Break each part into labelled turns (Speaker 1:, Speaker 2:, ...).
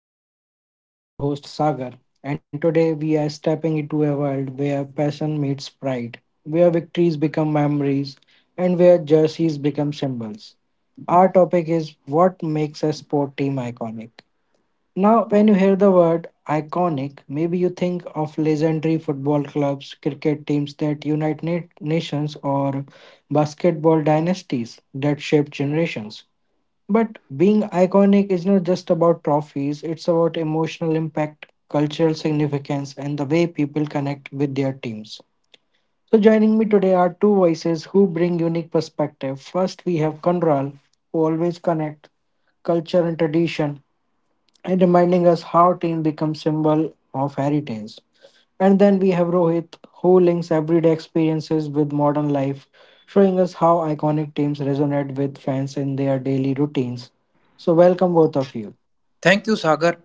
Speaker 1: Talk with Viz. I am your host Sagar, and today we are stepping into a world where passion meets pride, where victories become memories, and where jerseys become symbols. Our topic is what makes a sport team iconic. Now, when you hear the word iconic, maybe you think of legendary football clubs, cricket teams that unite nations, or basketball dynasties that shape generations. But being iconic is not just about trophies, it's about emotional impact, cultural significance, and the way people connect with their teams. So, joining me today are two voices who bring unique perspective. First, we have Kanral, who always connects culture and tradition, and reminding us how team becomes symbol of heritage. And then we have Rohit, who links everyday experiences with modern life, showing us how iconic teams resonate with fans in their daily routines. So, welcome, both of you.
Speaker 2: Thank you, Sagar.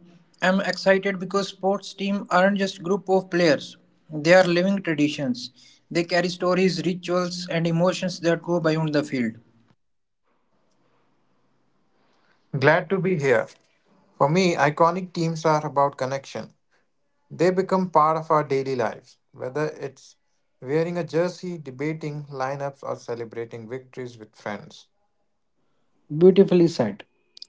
Speaker 2: I'm excited because sports teams aren't just group of players. They are living traditions. They carry stories, rituals, and emotions that go beyond the field.
Speaker 3: Glad to be here. For me, iconic teams are about connection. They become part of our daily lives, whether it's wearing a jersey, debating lineups, or celebrating victories with friends.
Speaker 1: Beautifully said.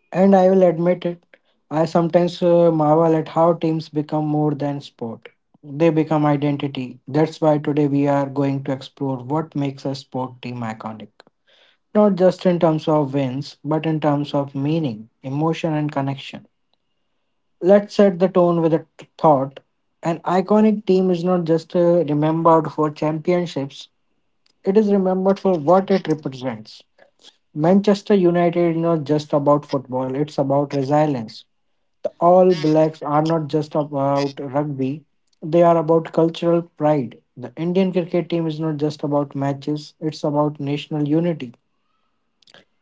Speaker 1: And I will admit it, I sometimes marvel at how teams become more than sport. They become identity. That's why today we are going to explore what makes a sport team iconic. Not just in terms of wins, but in terms of meaning, emotion, and connection. Let's set the tone with a thought. An iconic team is not just remembered for championships, it is remembered for what it represents. Manchester United is not just about football, it's about resilience. The All Blacks are not just about rugby, they are about cultural pride. The Indian cricket team is not just about matches, it's about national unity.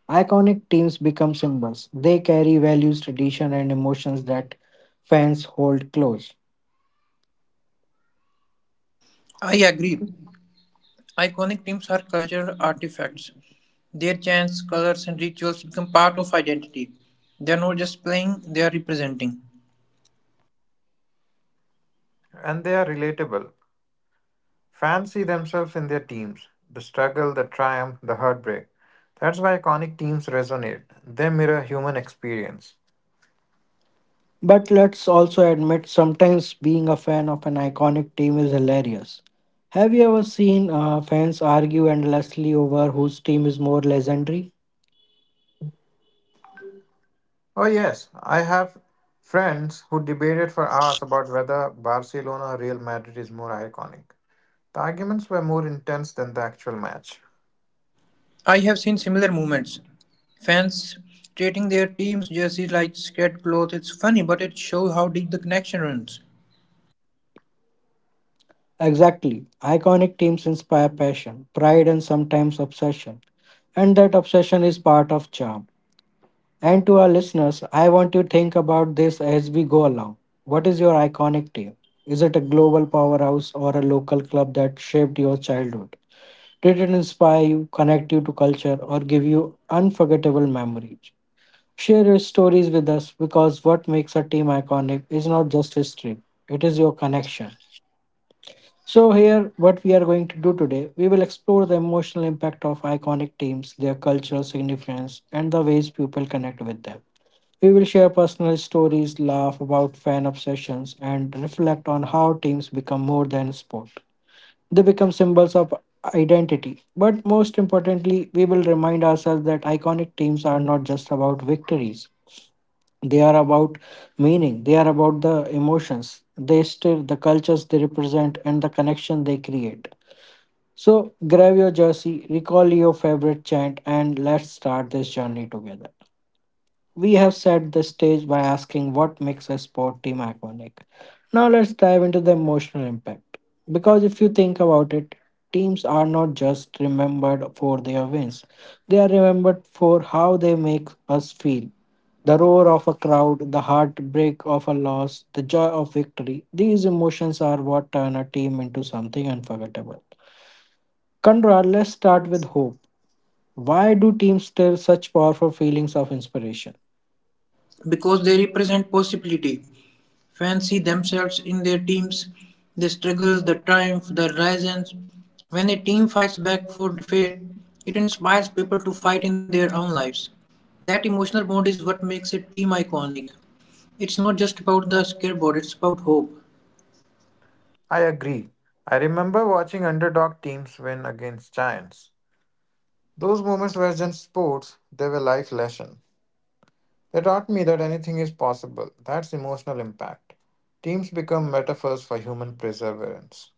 Speaker 1: Iconic teams become symbols, they carry values, tradition, and emotions that fans hold close.
Speaker 2: I agree. Iconic teams are cultural artifacts. Their chants, colors, and rituals become part of identity. They are not just playing, they are representing.
Speaker 3: And they are relatable. Fans see themselves in their teams the struggle, the triumph, the heartbreak. That's why iconic teams resonate. They mirror human experience.
Speaker 1: But let's also admit sometimes being a fan of an iconic team is hilarious. Have you ever seen fans argue endlessly over whose team is more legendary?
Speaker 3: Oh, yes, I have friends who debated for hours about whether Barcelona or Real Madrid is more iconic. The arguments were more intense than the actual match.
Speaker 2: I have seen similar movements. Fans treating their team's jerseys like scared clothes. It's funny, but it shows how deep the connection runs.
Speaker 1: Exactly. Iconic teams inspire passion, pride, and sometimes obsession. And that obsession is part of charm. And to our listeners, I want you to think about this as we go along. What is your iconic team? Is it a global powerhouse or a local club that shaped your childhood? Did it inspire you, connect you to culture, or give you unforgettable memories? Share your stories with us because what makes a team iconic is not just history, it is your connection. So, here, what we are going to do today, we will explore the emotional impact of iconic teams, their cultural significance, and the ways people connect with them. We will share personal stories, laugh about fan obsessions, and reflect on how teams become more than sport. They become symbols of identity. But most importantly, we will remind ourselves that iconic teams are not just about victories. They are about meaning, they are about the emotions, they stir the cultures they represent, and the connection they create. So, grab your jersey, recall your favorite chant, and let's start this journey together. We have set the stage by asking what makes a sport team iconic. Now let's dive into the emotional impact. Because if you think about it, teams are not just remembered for their wins, they are remembered for how they make us feel. The roar of a crowd, the heartbreak of a loss, the joy of victory, these emotions are what turn a team into something unforgettable. Conrad, let's start with hope. Why do teams stir such powerful feelings of inspiration?
Speaker 2: Because they represent possibility, fans see themselves in their teams, the struggles, the triumph, the rises. When a team fights back for defeat, it inspires people to fight in their own lives. That emotional bond is what makes a team iconic. It's not just about the scoreboard, it's about hope.
Speaker 3: I agree. I remember watching underdog teams win against giants. Those moments were just sports, they were life lessons. They taught me that anything is possible. That's emotional impact. Teams become metaphors for human perseverance.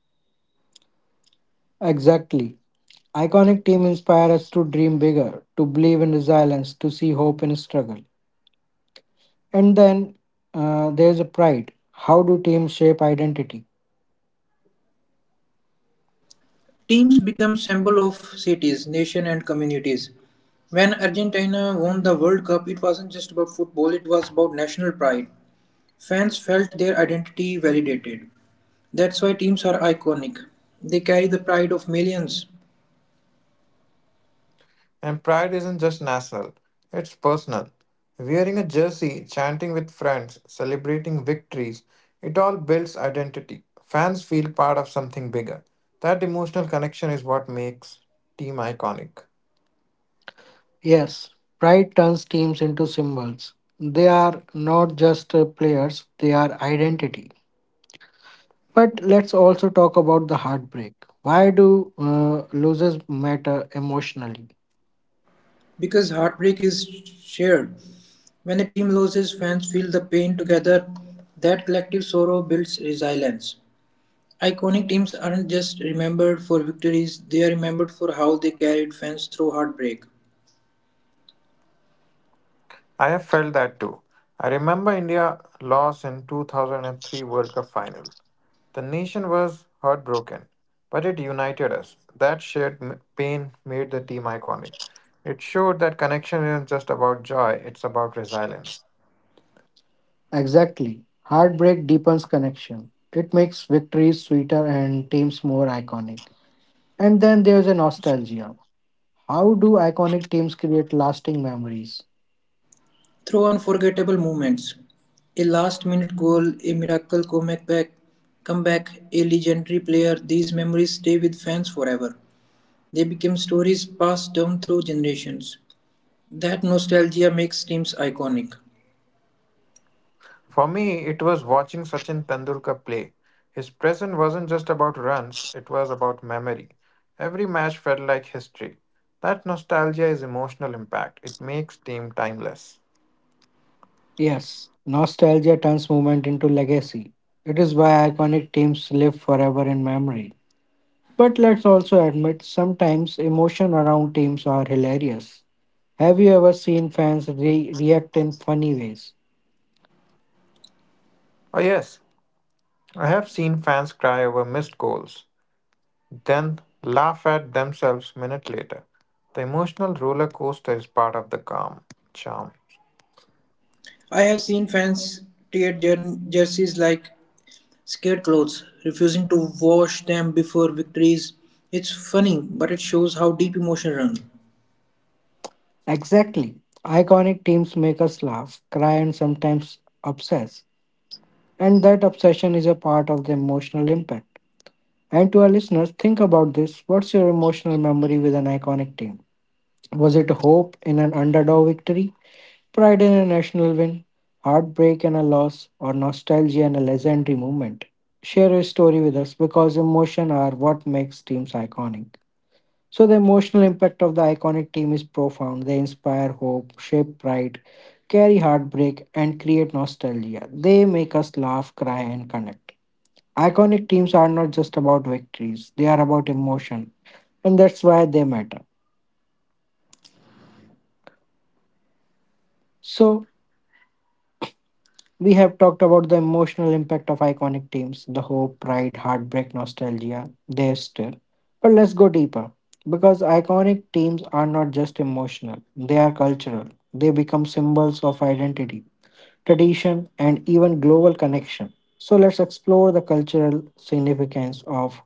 Speaker 1: Exactly. Iconic teams inspire us to dream bigger, to believe in resilience, to see hope in struggle. And then there's a pride. How do teams shape identity?
Speaker 2: Teams become symbol of cities, nation and communities. When Argentina won the World Cup, it wasn't just about football, it was about national pride. Fans felt their identity validated. That's why teams are iconic. They carry the pride of millions
Speaker 3: And pride isn't just national, it's personal. Wearing a jersey, chanting with friends, celebrating victories, it all builds identity. Fans feel part of something bigger. That emotional connection is what makes team iconic.
Speaker 1: Yes, pride turns teams into symbols. They are not just players, they are identity. But let's also talk about the heartbreak. Why do losses matter emotionally?
Speaker 2: because heartbreak is shared. When a team loses, fans feel the pain together. That collective sorrow builds resilience. Iconic teams aren't just remembered for victories, they are remembered for how they carried fans through heartbreak,
Speaker 3: I have felt that too. I remember India lost in 2003 World Cup final. The nation was heartbroken, but it united us. That shared pain made the team iconic. It showed that connection isn't just about joy, it's about resilience.
Speaker 1: Exactly. Heartbreak deepens connection. It makes victories sweeter and teams more iconic. And then there's a nostalgia. How do iconic teams create lasting memories?
Speaker 2: through unforgettable moments. A last minute goal, a miracle comeback, a legendary player, these memories stay with fans forever. They became stories passed down through generations. That nostalgia makes teams iconic.
Speaker 3: For me, it was watching Sachin Tendulkar play. His present wasn't just about runs, it was about memory. Every match felt like history. That nostalgia is emotional impact. It makes team timeless.
Speaker 1: Yes, nostalgia turns movement into legacy. It is why iconic teams live forever in memory. But let's also admit sometimes emotion around teams are hilarious. Have you ever seen fans react in funny ways?
Speaker 3: Oh yes, I have seen fans cry over missed goals, then laugh at themselves minute later. The emotional roller coaster is part of the calm charm.
Speaker 2: I have seen fans tear jerseys like scarecrows, refusing to wash them before victories. It's funny, but it shows how deep emotion runs.
Speaker 1: Exactly. Iconic teams make us laugh, cry, and sometimes obsess. And that obsession is a part of the emotional impact. And to our listeners, think about this. What's your emotional memory with an iconic team? Was it hope in an underdog victory, pride in a national win, heartbreak and a loss, or nostalgia and a legendary moment? Share your story with us because emotion are what makes teams iconic. So the emotional impact of the iconic team is profound. They inspire hope, shape pride, carry heartbreak, and create nostalgia. They make us laugh, cry, and connect. Iconic teams are not just about victories, they are about emotion, and that's why they matter. So, we have talked about the emotional impact of iconic teams the hope, pride, heartbreak, nostalgia, they still. But let's go deeper because iconic teams are not just emotional, they are cultural. They become symbols of identity, tradition, and even global connection. So, let's explore the cultural significance of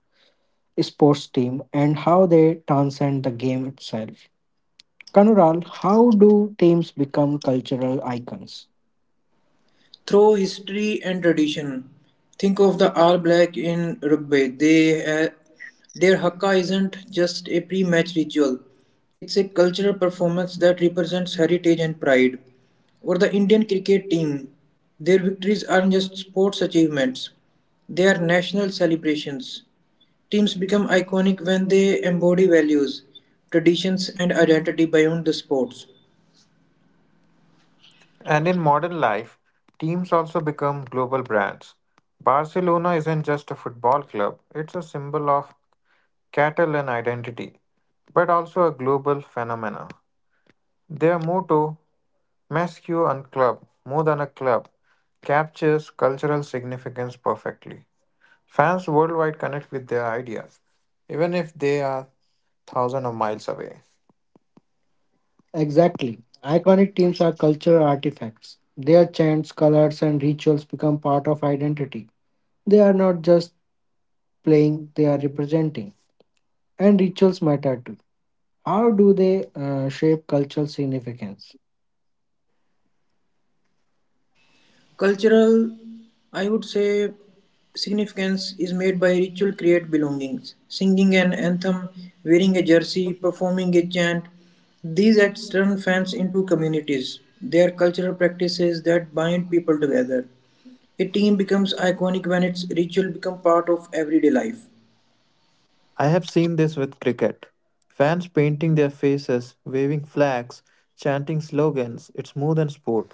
Speaker 1: sports team and how they transcend the game itself. Kanural, how do teams become cultural icons?
Speaker 2: Through history and tradition, think of the All Black in rugby. Their haka isn't just a pre-match ritual; it's a cultural performance that represents heritage and pride. Or the Indian cricket team, their victories aren't just sports achievements; they are national celebrations. Teams become iconic when they embody values, traditions, and identity beyond the sports.
Speaker 3: And in modern life, teams also become global brands. Barcelona isn't just a football club, it's a symbol of Catalan identity, but also a global phenomenon. Their motto, Mescu and Club, more than a club, captures cultural significance perfectly. Fans worldwide connect with their ideas, even if they are thousands of miles away.
Speaker 1: Exactly. Iconic teams are cultural artifacts. Their chants, colors, and rituals become part of identity. They are not just playing, they are representing. And rituals matter too. How do they shape cultural significance?
Speaker 2: Cultural, I would say, significance is made by ritual create belongings. Singing an anthem, wearing a jersey, performing a chant. These acts turn fans into communities. They are cultural practices that bind people together. A team becomes iconic when its ritual become part of everyday life.
Speaker 3: I have seen this with cricket. Fans painting their faces, waving flags, chanting slogans. It's more than sport,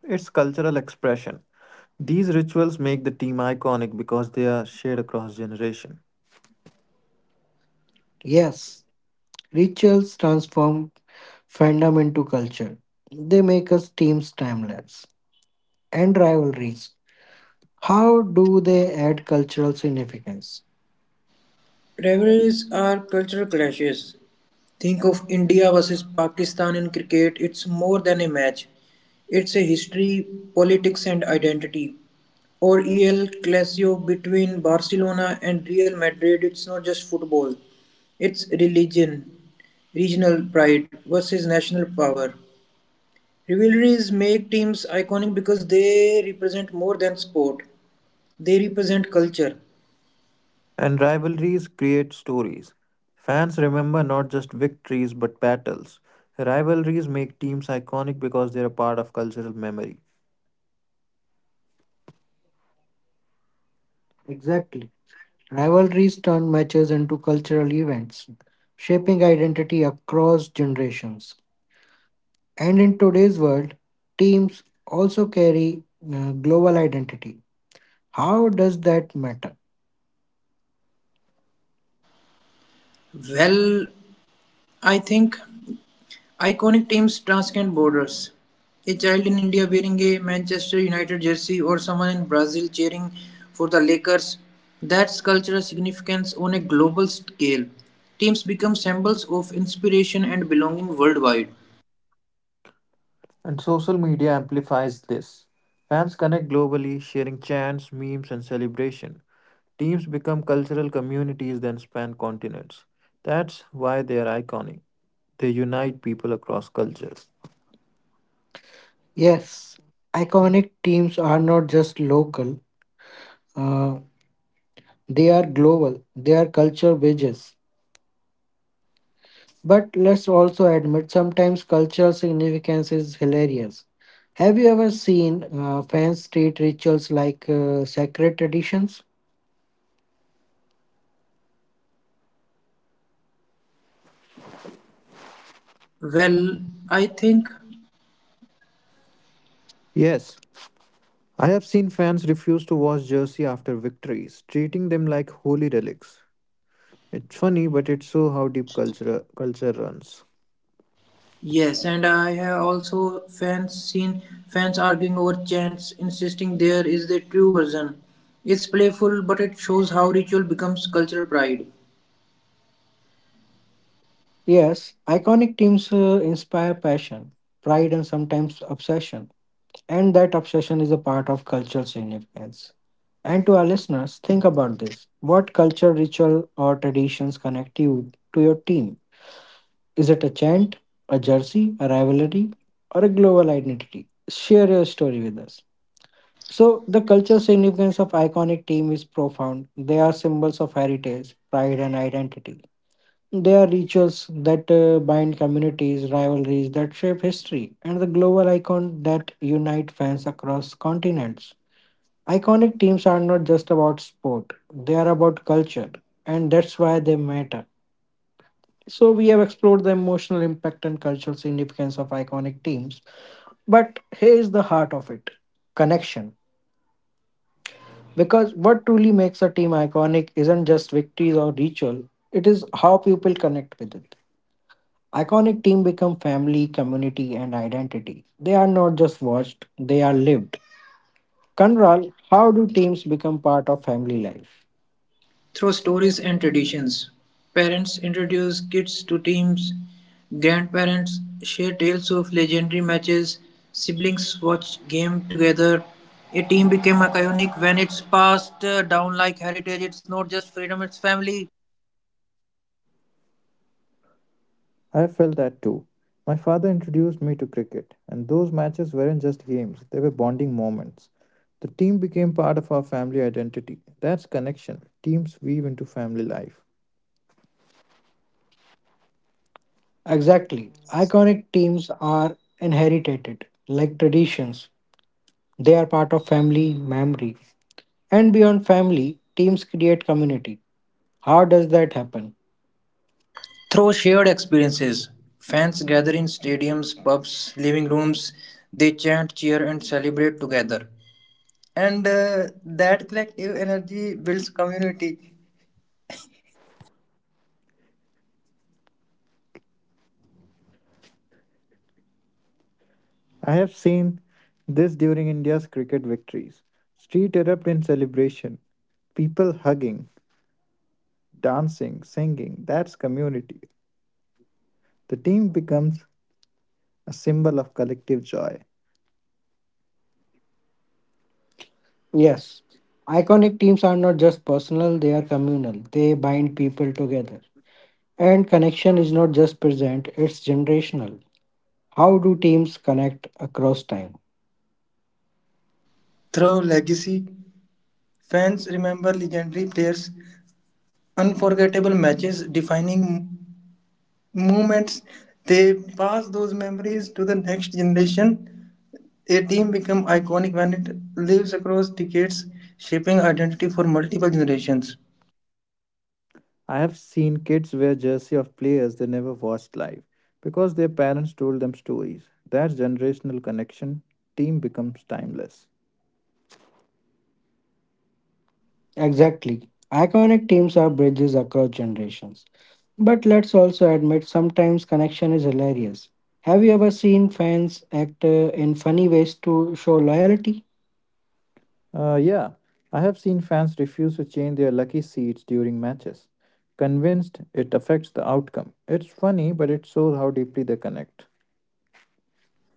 Speaker 3: it's cultural expression. These rituals make the team iconic because they are shared across generation.
Speaker 1: Yes, rituals transform fandom into culture. They make us teams timeless. And rivalries. How do they add cultural significance?
Speaker 2: Rivalries are cultural clashes. Think of India versus Pakistan in cricket. It's more than a match, it's a history, politics, and identity. Or EL Clasico between Barcelona and Real Madrid. It's not just football, it's religion, regional pride versus national power. Rivalries make teams iconic because they represent more than sport, they represent culture.
Speaker 3: And rivalries create stories. Fans remember not just victories but battles. Rivalries make teams iconic because they are part of cultural memory.
Speaker 1: Exactly. Rivalries turn matches into cultural events, shaping identity across generations. And in today's world, teams also carry global identity. How does that matter?
Speaker 2: Well, I think iconic teams transcend borders. A child in India wearing a Manchester United jersey or someone in Brazil cheering for the Lakers. That's cultural significance on a global scale. Teams become symbols of inspiration and belonging worldwide.
Speaker 3: And social media amplifies this. Fans connect globally, sharing chants, memes, and celebration. Teams become cultural communities that span continents. That's why they are iconic. They unite people across cultures.
Speaker 1: Yes, iconic teams are not just local, uh, they are global, they are culture bridges. But let's also admit sometimes cultural significance is hilarious. Have you ever seen fans treat rituals like sacred traditions?
Speaker 2: Well, I think
Speaker 3: Yes, I have seen fans refuse to wash jersey after victories, treating them like holy relics. It's funny, but it shows how deep culture runs.
Speaker 2: yes, and I have also fans seen fans arguing over chants, insisting there is the true version. It's playful, but it shows how ritual becomes cultural pride.
Speaker 1: Yes, iconic teams inspire passion, pride, and sometimes obsession. And that obsession is a part of cultural significance. And to our listeners, think about this. What culture, ritual, or traditions connect you to your team? Is it a chant, a jersey, a rivalry, or a global identity? Share your story with us. So, the cultural significance of iconic team is profound. They are symbols of heritage, pride, and identity. They are rituals that bind communities, rivalries that shape history, and the global icon that unite fans across continents. Iconic teams are not just about sport, they are about culture, and that's why they matter. So, we have explored the emotional impact and cultural significance of iconic teams, but here's the heart of it connection. Because what truly makes a team iconic isn't just victories or ritual, it is how people connect with it. Iconic team become family, community, and identity. They are not just watched, they are lived. Kanral, how do teams become part of family life?
Speaker 2: Through stories and traditions, parents introduce kids to teams, grandparents share tales of legendary matches, siblings watch game together. A team became iconic when it's passed down like heritage. It's not just freedom, it's family.
Speaker 3: I felt that too. My father introduced me to cricket, and those matches weren't just games, they were bonding moments. The team became part of our family identity. That's connection. Teams weave into family life.
Speaker 1: Exactly. Iconic teams are inherited, like traditions. They are part of family memory. And beyond family, teams create community. How does that happen?
Speaker 2: Through shared experiences, fans gather in stadiums, pubs, living rooms. They chant, cheer, and celebrate together. And that collective energy builds community.
Speaker 3: I have seen this during India's cricket victories. Street erupt in celebration, people hugging, dancing, singing. That's community. The team becomes a symbol of collective joy.
Speaker 1: Yes. Iconic teams are not just personal, they are communal. They bind people together. And connection is not just present, it's generational. How do teams connect across time?
Speaker 2: Through legacy, fans remember legendary players, unforgettable matches, defining moments. They pass those memories to the next generation. A team becomes iconic when it lives across decades, shaping identity for multiple generations.
Speaker 3: I have seen kids wear jersey of players they never watched live because their parents told them stories. That generational connection team becomes timeless.
Speaker 1: Exactly. Iconic teams are bridges across generations. But let's also admit sometimes connection is hilarious. Have you ever seen fans act in funny ways to show loyalty?
Speaker 3: Yeah, I have seen fans refuse to change their lucky seats during matches, convinced it affects the outcome. It's funny, but it shows how deeply they connect.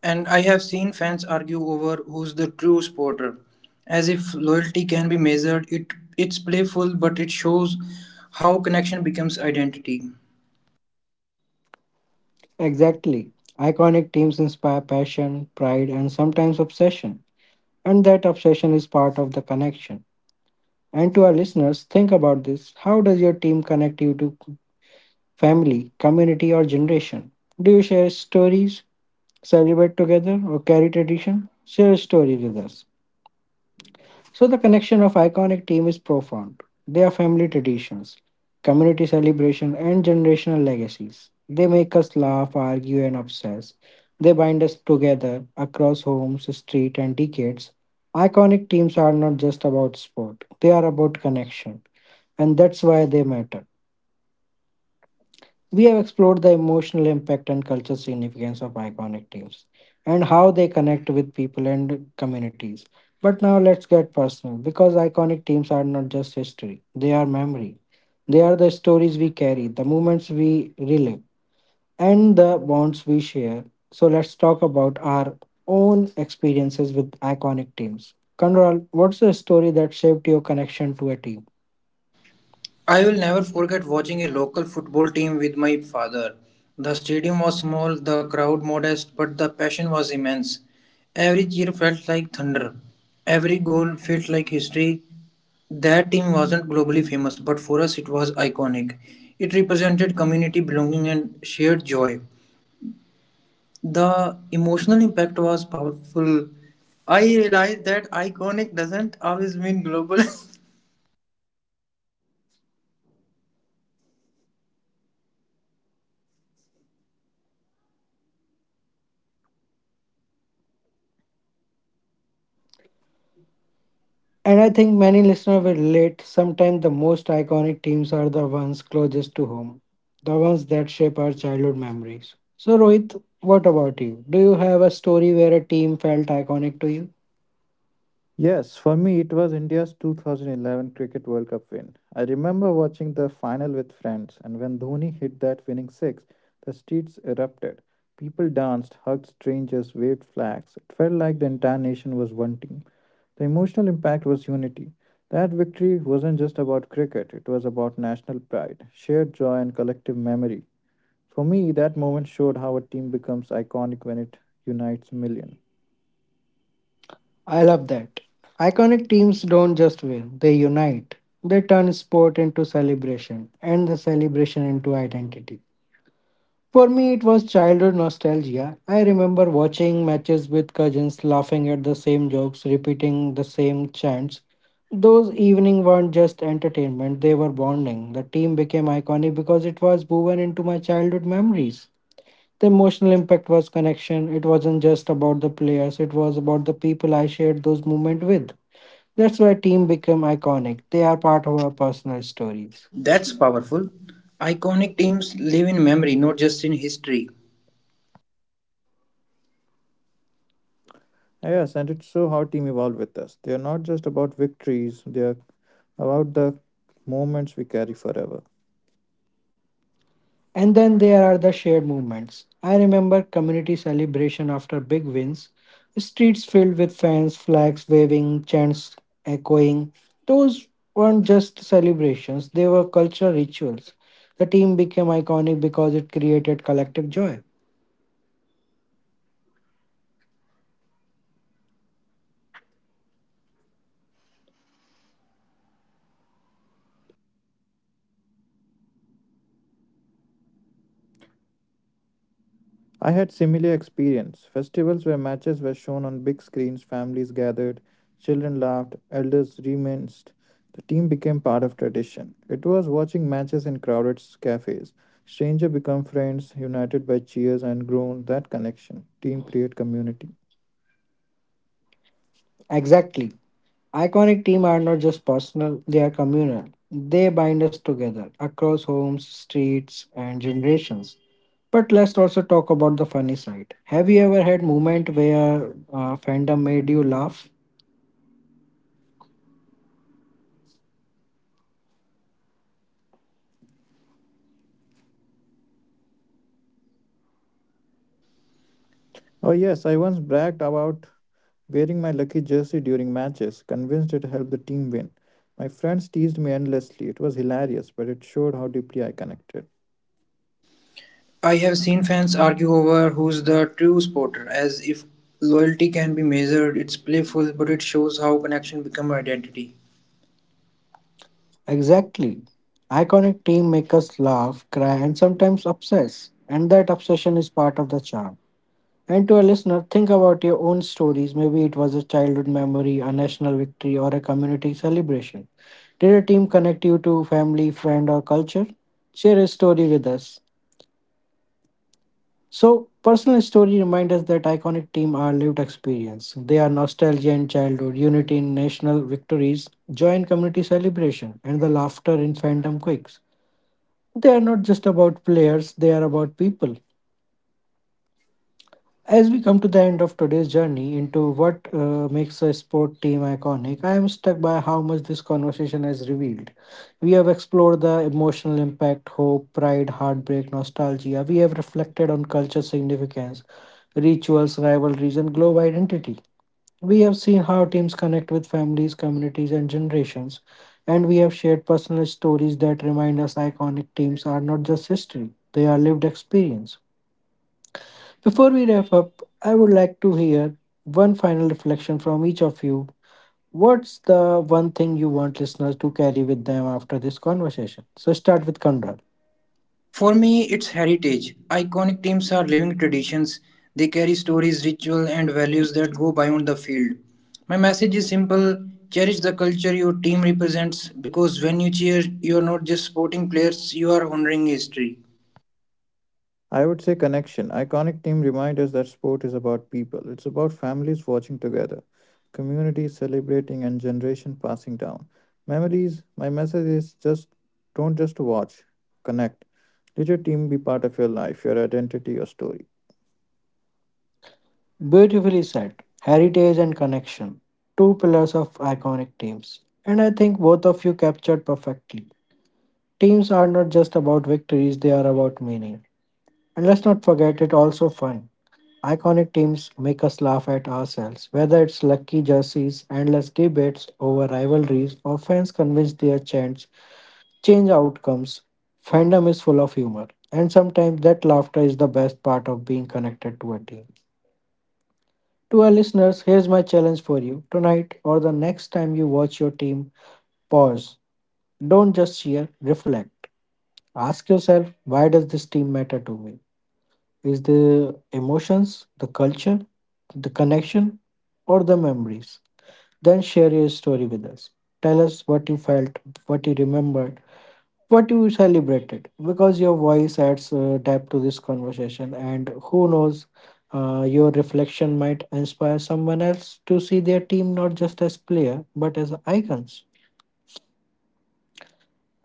Speaker 2: And I have seen fans argue over who's the true supporter, as if loyalty can be measured. It's playful, but it shows how connection becomes identity.
Speaker 1: Exactly. Iconic teams inspire passion, pride, and sometimes obsession. And that obsession is part of the connection. And to our listeners, think about this. How does your team connect you to family, community, or generation? Do you share stories, celebrate together, or carry tradition, share stories with us. So the connection of iconic team is profound. They are family traditions, community celebration, and generational legacies. They make us laugh, argue, and obsess. They bind us together across homes, street, and decades. Iconic teams are not just about sport; they are about connection, and that's why they matter. We have explored the emotional impact and cultural significance of iconic teams and how they connect with people and communities. But now let's get personal because iconic teams are not just history, they are memory. They are the stories we carry, the moments we relive, and the bonds we share. So let's talk about our own experiences with iconic teams. Kanral, what's the story that shaped your connection to a team?
Speaker 2: I will never forget watching a local football team with my father. The stadium was small, the crowd modest, but the passion was immense. Every cheer felt like thunder. Every goal felt like history. That team wasn't globally famous, but for us it was iconic. It represented community belonging and shared joy. The emotional impact was powerful. I realized that iconic doesn't always mean global.
Speaker 1: And I think many listeners will relate. Sometimes the most iconic teams are the ones closest to home, the ones that shape our childhood memories. So, Rohit, what about you? Do you have a story where a team felt iconic to you?
Speaker 3: Yes, for me it was India's 2011 Cricket World Cup win. I remember watching the final with friends, and when Dhoni hit that winning six, the streets erupted. People danced, hugged strangers, waved flags. It felt like the entire nation was one team. The emotional impact was unity. That victory wasn't just about cricket, it was about national pride, shared joy, and collective memory. For me, that moment showed how a team becomes iconic when it unites millions.
Speaker 1: I love that. Iconic teams don't just win, they unite. They turn sport into celebration and the celebration into identity. For me, it was childhood nostalgia. I remember watching matches with cousins, laughing at the same jokes, repeating the same chants. Those evenings weren't just entertainment, they were bonding. The team became iconic because it was woven into my childhood memories. The emotional impact was connection. It wasn't just about the players, it was about the people I shared those moments with. That's why team became iconic. They are part of our personal stories.
Speaker 2: That's powerful. Iconic teams live in memory, not just in history.
Speaker 3: Yes, and it's so how team evolve with us. They are not just about victories, they are about the moments we carry forever.
Speaker 1: And then there are the shared movements. I remember community celebration after big wins, streets filled with fans, flags waving, chants echoing. Those weren't just celebrations, they were cultural rituals. The team became iconic because it created collective joy.
Speaker 2: I have had similar experiences. Festivals where matches were shown on big screens, families gathered, children laughed, elders reminisced. The team became part of tradition.
Speaker 3: I had similar experience. Festivals where matches were shown on big screens, families gathered, children laughed, elders reminisced. The team became part of tradition. It was watching matches in crowded cafes. Stranger become friends, united by cheers and grown that connection. Team create community.
Speaker 1: Exactly. Iconic teams are not just personal, they are communal. They bind us together across homes, streets, and generations. But let's also talk about the funny side. Have you ever had moment where fandom made you laugh?
Speaker 3: Oh, yes, I once bragged about wearing my lucky jersey during matches, convinced it helped the team win. My friends teased me endlessly. It was hilarious, but it showed how deeply I connected.
Speaker 2: I have seen fans argue over who's the true supporter, as if loyalty can be measured. It's playful, but it shows how connection becomes identity.
Speaker 1: Exactly. Iconic team make us laugh, cry, and sometimes obsess. And that obsession is part of the charm. And to a listener, think about your own stories. Maybe it was a childhood memory, a national victory, or a community celebration. Did a team connect you to family, friend, or culture? Share a story with us. So, personal story remind us that iconic team are lived experience. They are nostalgia in childhood, unity in national victories, joy in community celebration, and the laughter in fandom quicks. They are not just about players, they are about people. As we come to the end of today's journey into what makes a sport team iconic, I am struck by how much this conversation has revealed. We have explored the emotional impact, hope, pride, heartbreak, nostalgia. We have reflected on culture significance, rituals, rivalries, and global identity. We have seen how teams connect with families, communities, and generations. And we have shared personal stories that remind us iconic teams are not just history, they are lived experience. Before we wrap up, I would like to hear one final reflection from each of you. What's the one thing you want listeners to carry with them after this conversation? So start with Kondral.
Speaker 2: For me, it's heritage. Iconic teams are living traditions. They carry stories, ritual, and values that go beyond the field. My message is simple: cherish the culture your team represents because when you cheer, you're not just supporting players, you are honoring history.
Speaker 3: I would say connection. Iconic team remind us that sport is about people. It's about families watching together, communities celebrating, and generation passing down. Memories. My message is just don't just watch, connect. Let your team be part of your life, your identity, your story.
Speaker 1: Beautifully said. Heritage and connection, two pillars of iconic teams. And I think both of you captured perfectly. Teams are not just about victories, they are about meaning. And let's not forget it's also fun. Iconic teams make us laugh at ourselves, whether it's lucky jerseys, endless debates over rivalries, or fans convinced their chants change outcomes. Fandom is full of humor, and sometimes that laughter is the best part of being connected to a team. To our listeners, here's my challenge for you. Tonight or the next time you watch your team, pause. Don't just cheer, reflect. Ask yourself, why does this team matter to me? Is the emotions, the culture, the connection, or the memories. Then share your story with us. Tell us what you felt, what you remembered, what you celebrated, because your voice adds depth to this conversation. And who knows, your reflection might inspire someone else to see their team not just as player but as icons.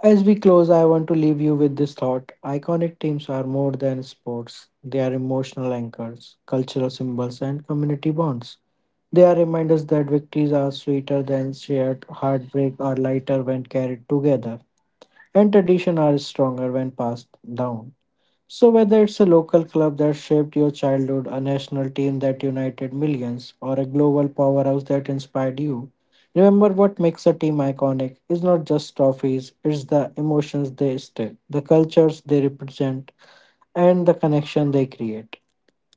Speaker 1: As we close, I want to leave you with this thought. Iconic teams are more than sports, they are emotional anchors, cultural symbols, and community bonds. They are reminders that victories are sweeter than shared, heartbreak are lighter when carried together, and tradition are stronger when passed down. So, whether it's a local club that shaped your childhood, a national team that united millions, or a global powerhouse that inspired you, remember what makes a team iconic is not just trophies, it's the emotions they stick, the cultures they represent, and the connection they create.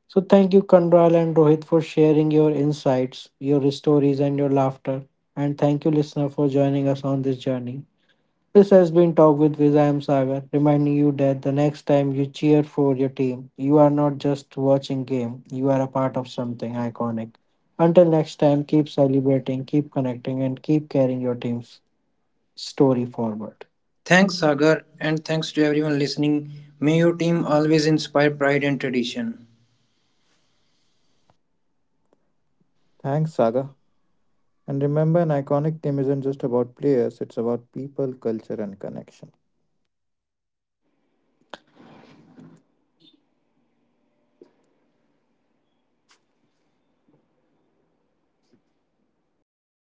Speaker 1: So, thank you, Kandral and Rohit, for sharing your insights, your stories, and your laughter. And thank you, listener, for joining us on this journey. This has been Talk with Viz. I am Sagar, reminding you that the next time you cheer for your team, you are not just watching game, you are a part of something iconic. Until next time, keep celebrating, keep connecting, and keep carrying your team's story forward.
Speaker 2: Thanks, Sagar, and thanks to everyone listening. May your team always inspire pride and tradition.
Speaker 3: Thanks, Saga. And remember, an iconic team isn't just about players, it's about people, culture, and connection.